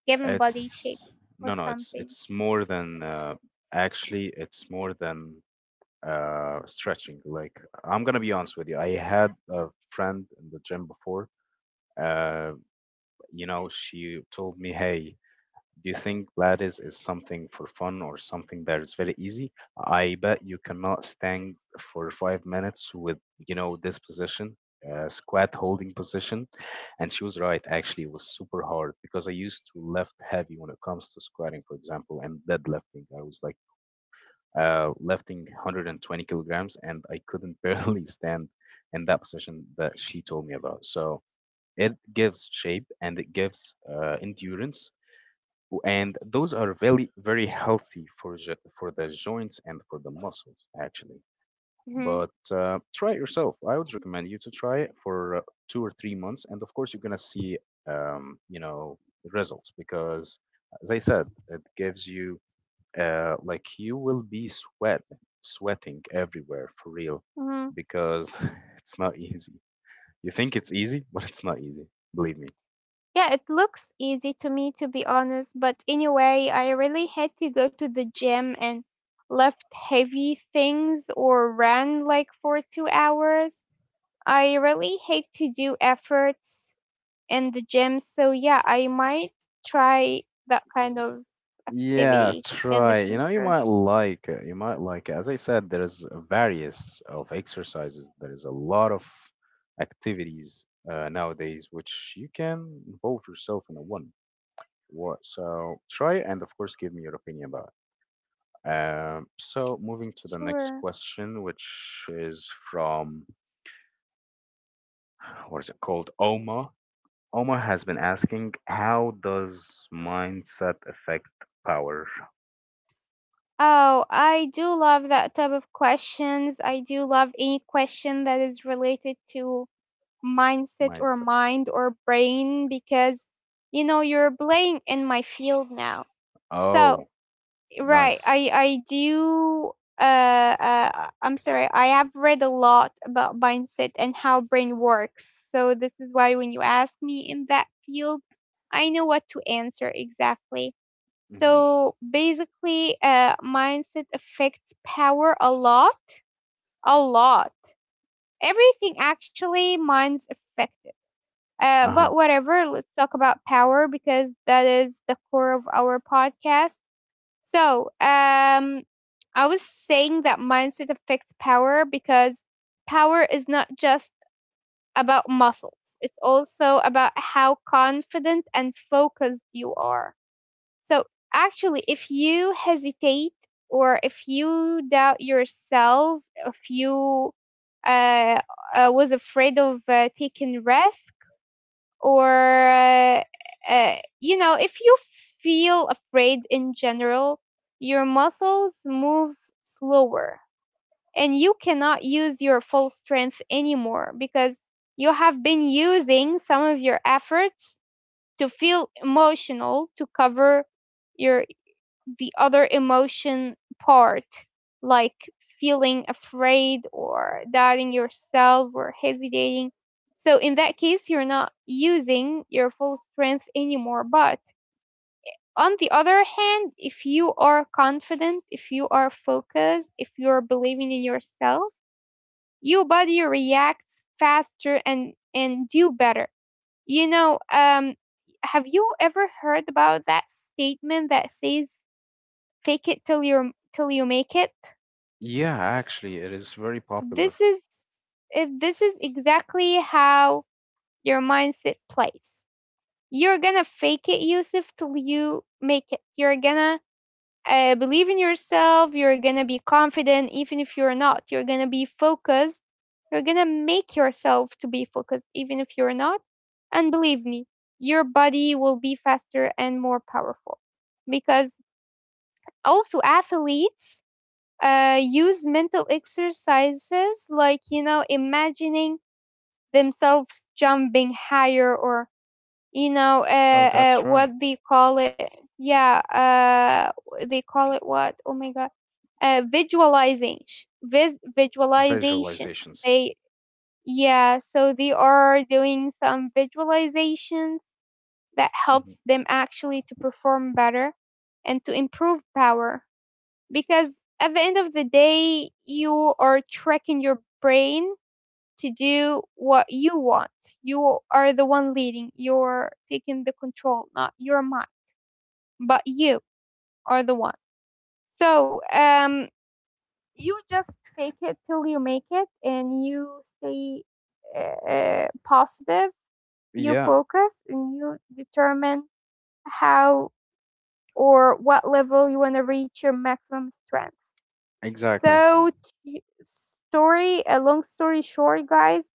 giving body
it's
shapes or
no, no. It's
something.
it's more than uh, actually. It's more than uh, stretching. Like, I'm gonna be honest with you. I had a friend in the gym before. Uh, you know, she told me, "Hey, do you think Pilates is something for fun or something that is very easy? I bet you cannot stand for five minutes with, you know, this position, uh, squat holding position." And she was right, actually, it was super hard because I used to lift heavy when it comes to squatting, for example, and deadlifting. I was like uh, lifting one hundred twenty kilograms, and I couldn't barely stand in that position that she told me about. So it gives shape and it gives uh, endurance, and those are very very healthy for jo- for the joints and for the muscles, actually.
Mm-hmm.
But uh, try it yourself. I would recommend you to try it for uh, two or three months, and of course you're gonna see um, you know results, because as I said, it gives you uh, like you will be sweat sweating everywhere for real,
Mm-hmm.
because it's not easy. You think it's easy, but it's not easy, believe me.
Yeah, it looks easy to me, to be honest, but anyway, I really had to go to the gym and lift heavy things or ran like for two hours. I really hate to do efforts in the gym, so yeah, I might try that kind of
Yeah,
activity in the
try. You know, you
future.
might like it. You might like it. As I said, there is various of exercises. There is a lot of activities uh, nowadays which you can involve yourself in a one. What? So try it, and of course give me your opinion about it. Um, so moving to the next
Sure.
question, which is from what is it called? Oma. Oma has been asking, how does mindset affect power?
Oh, I do love that type of questions. I do love any question that is related to mindset or
Mindset.
mind or brain, because you know you're playing in my field now, so
Oh,
right.
nice.
I i do uh, uh I'm sorry, I have read a lot about mindset and how brain works, so this is why when you ask me in that field, I know what to answer exactly.
Hmm.
So basically, uh mindset affects power a lot, a lot. Everything, actually, minds affected, uh,
Uh-huh.
but whatever, let's talk about power because that is the core of our podcast. So, um, I was saying that mindset affects power because power is not just about muscles, it's also about how confident and focused you are. So, actually, if you hesitate or if you doubt yourself, if you uh, uh, was afraid of uh, taking rest, or uh, uh, you know, if you feel afraid in general, your muscles move slower and you cannot use your full strength anymore, because you have been using some of your efforts to feel emotional, to cover your the other emotion part, like feeling afraid or doubting yourself or hesitating. So, in that case, you're not using your full strength anymore. But on the other hand, if you are confident, if you are focused, if you're believing in yourself, your body reacts faster and, and do better. You know, um, have you ever heard about that statement that says fake it till you are, till you make it.
Yeah, actually, it is very popular.
This is if this is exactly how your mindset plays. You're gonna fake it, Yusuf, till you make it. You're gonna uh, believe in yourself. You're gonna be confident, even if you're not. You're gonna be focused. You're gonna make yourself to be focused, even if you're not. And believe me, your body will be faster and more powerful. Because also athletes uh, use mental exercises, like, you know, imagining themselves jumping higher or, you know,
Oh,
uh, uh,
that's
what
right.
they call it. Yeah, uh, they call it what, oh my god, uh, visualizing, vis- visualization.
Visualizations.
They Yeah, so they are doing some visualizations that
Hmm.
helps them actually to perform better and to improve power, because at the end of the day, you are tracking your brain to do what you want. You are the one leading, you're taking the control, not your mind, but you are the one. So um, you just fake it till you make it, and you stay uh, positive. You
Yeah,
focus and you determine how or what level you want to reach your maximum strength.
exactly.
So, t- story, a long story short, guys,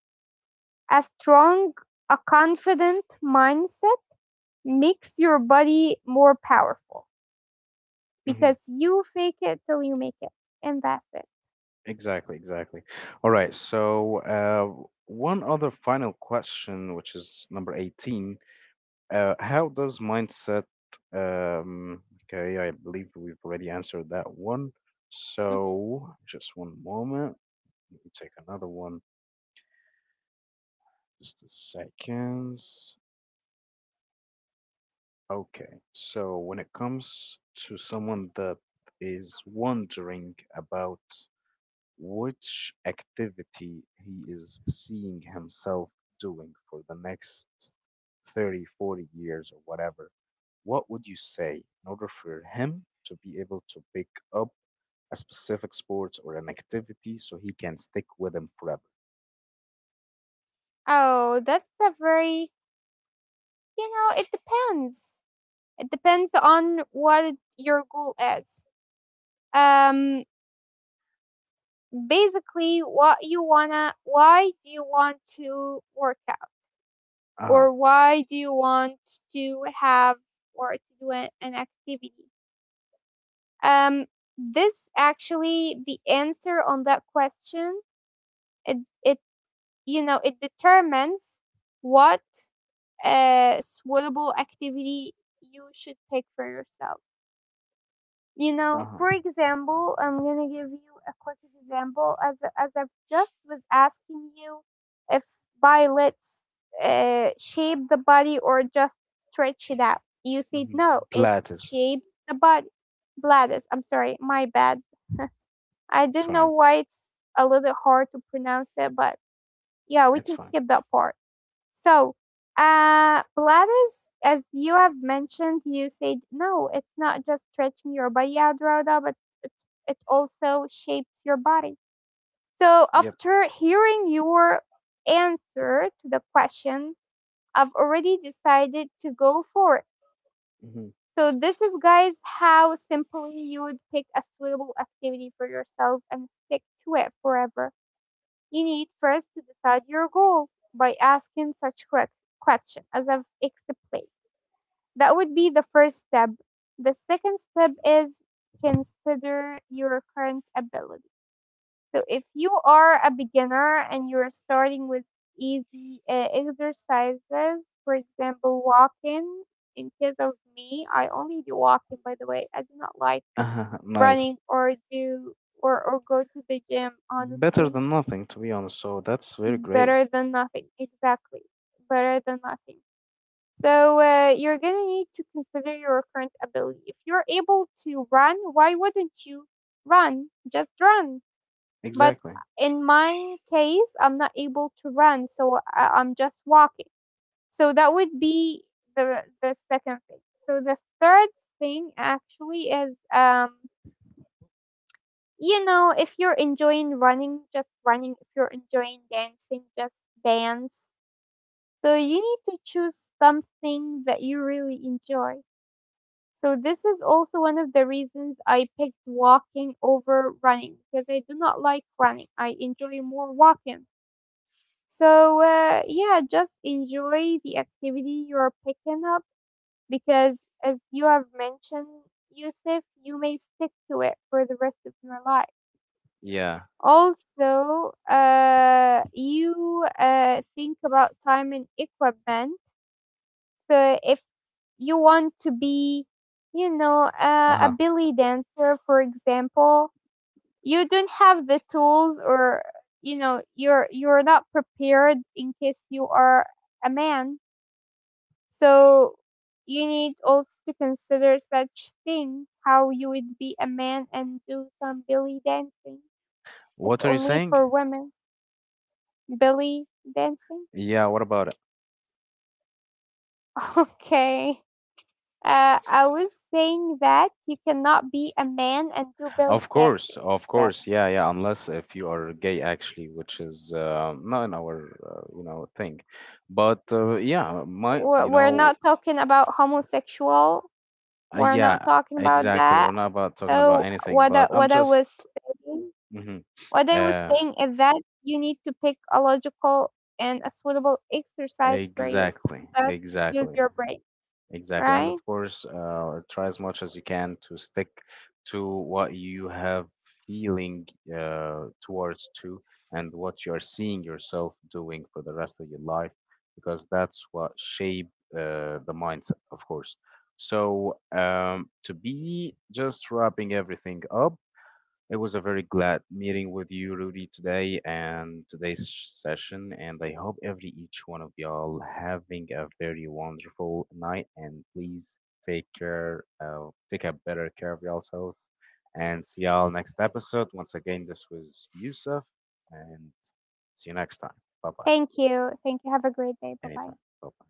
a strong, a confident mindset makes your body more powerful,
Hmm.
because you fake it till you make it, and that's it.
Exactly, exactly. All right, so uh, one other final question, which is number eighteen. Uh, how does mindset, um, okay, I believe we've already answered that one.
Hmm.
So just one moment. Let me take another one. Just a second. Okay, so when it comes to someone that is wondering about which activity he is seeing himself doing for the next thirty, forty years or whatever, what would you say in order for him to be able to pick up a specific sport or an activity so he can stick with them forever?
Oh, that's a very— you know, it depends. It depends on what your goal is. Um, basically, what you wanna, why do you want to work out,
Uh-huh.
or why do you want to have or to do an, an activity? Um, this actually the answer on that question. It it, you know, it determines what uh, suitable activity you should pick for yourself. You know,
Uh-huh.
for example, I'm gonna give you a quick example. As as I just was asking you, if violets uh, shape the body or just stretch it out, you said
Mm-hmm.
no, it
Pilates.
shapes the body. Bladis, I'm sorry, my bad. I
It's
didn't know
fine.
why it's a little hard to pronounce it, but yeah, we
It's
can
fine.
skip that part. So, uh, Pilates, as you have mentioned, you said no, it's not just stretching your body out, Rhoda, but it, it also shapes your body. So,
Yep.
after hearing your answer to the question, I've already decided to go for it.
Mm-hmm.
So, this is, guys, how simply you would pick a suitable activity for yourself and stick to it forever. You need first to decide your goal by asking such que- question as I've explained. That would be the first step. The second step is consider your current ability. So if you are a beginner and you're starting with easy uh, exercises, for example, walking. In case of me, I only do walking, by the way. I do not like
Uh-huh. Nice.
running or do, or, or go to the gym,
Better
honestly.
than nothing, to be honest. So that's very great.
Better than nothing. Exactly. Better than nothing. So uh, you're going to need to consider your current ability. If you're able to run, why wouldn't you run? Just run. But
Exactly.
uh, in my case, I'm not able to run, so I- I'm just walking. So that would be the the second thing. So the third thing actually is um you know, if you're enjoying running, just running. If you're enjoying dancing, just dance. So you need to choose something that you really enjoy. So this is also one of the reasons I picked walking over running, because I do not like running. I enjoy more walking. So uh, yeah, just enjoy the activity you're picking up, because as you have mentioned, Yusuf, you may stick to it for the rest of your life.
Yeah.
Also, uh, you uh, think about time and equipment. So if you want to be, you know, uh, a
Uh-huh.
belly dancer, for example, you don't have the tools, or, you know, you're you're not prepared in case you are a man. So you need also to consider such thing, how you would be a man and do some belly dancing. It's
What are you
only
saying?
for women. Belly dancing.
Yeah, what about it?
Okay. Uh, I was saying that you cannot be a man and do belly
Of course,
dancing.
of
So
course. Yeah, yeah, unless if you are gay, actually, which is uh, not in our, uh, you know, thing. But uh, yeah, my,
we're,
you
we're
know,
not talking about homosexual.
uh,
We're not
yeah,
talking about
exactly. We're
that.
not about talking about
So
anything,
what I,
but I'm
what I
just
was saying,
mhm.
what I was
Uh,
saying is that you need to pick a logical and a suitable exercise for you.
exactly,
Just use
exactly.
your brain,
Exactly. And
right?
of course, uh, try as much as you can to stick to what you have feeling uh, towards to, and what you are seeing yourself doing for the rest of your life, because that's what shape uh, the mindset, of course. So um, to be just wrapping everything up, it was a very glad meeting with you, Rudy, today and today's session. And I hope every each one of y'all having a very wonderful night. And please take care, uh, take a better care of yourselves. And see y'all next episode. Once again, this was Yusuf, and see you next time. Bye bye.
Thank you. Thank you. Have a great day. Bye bye.
Anytime. Bye bye.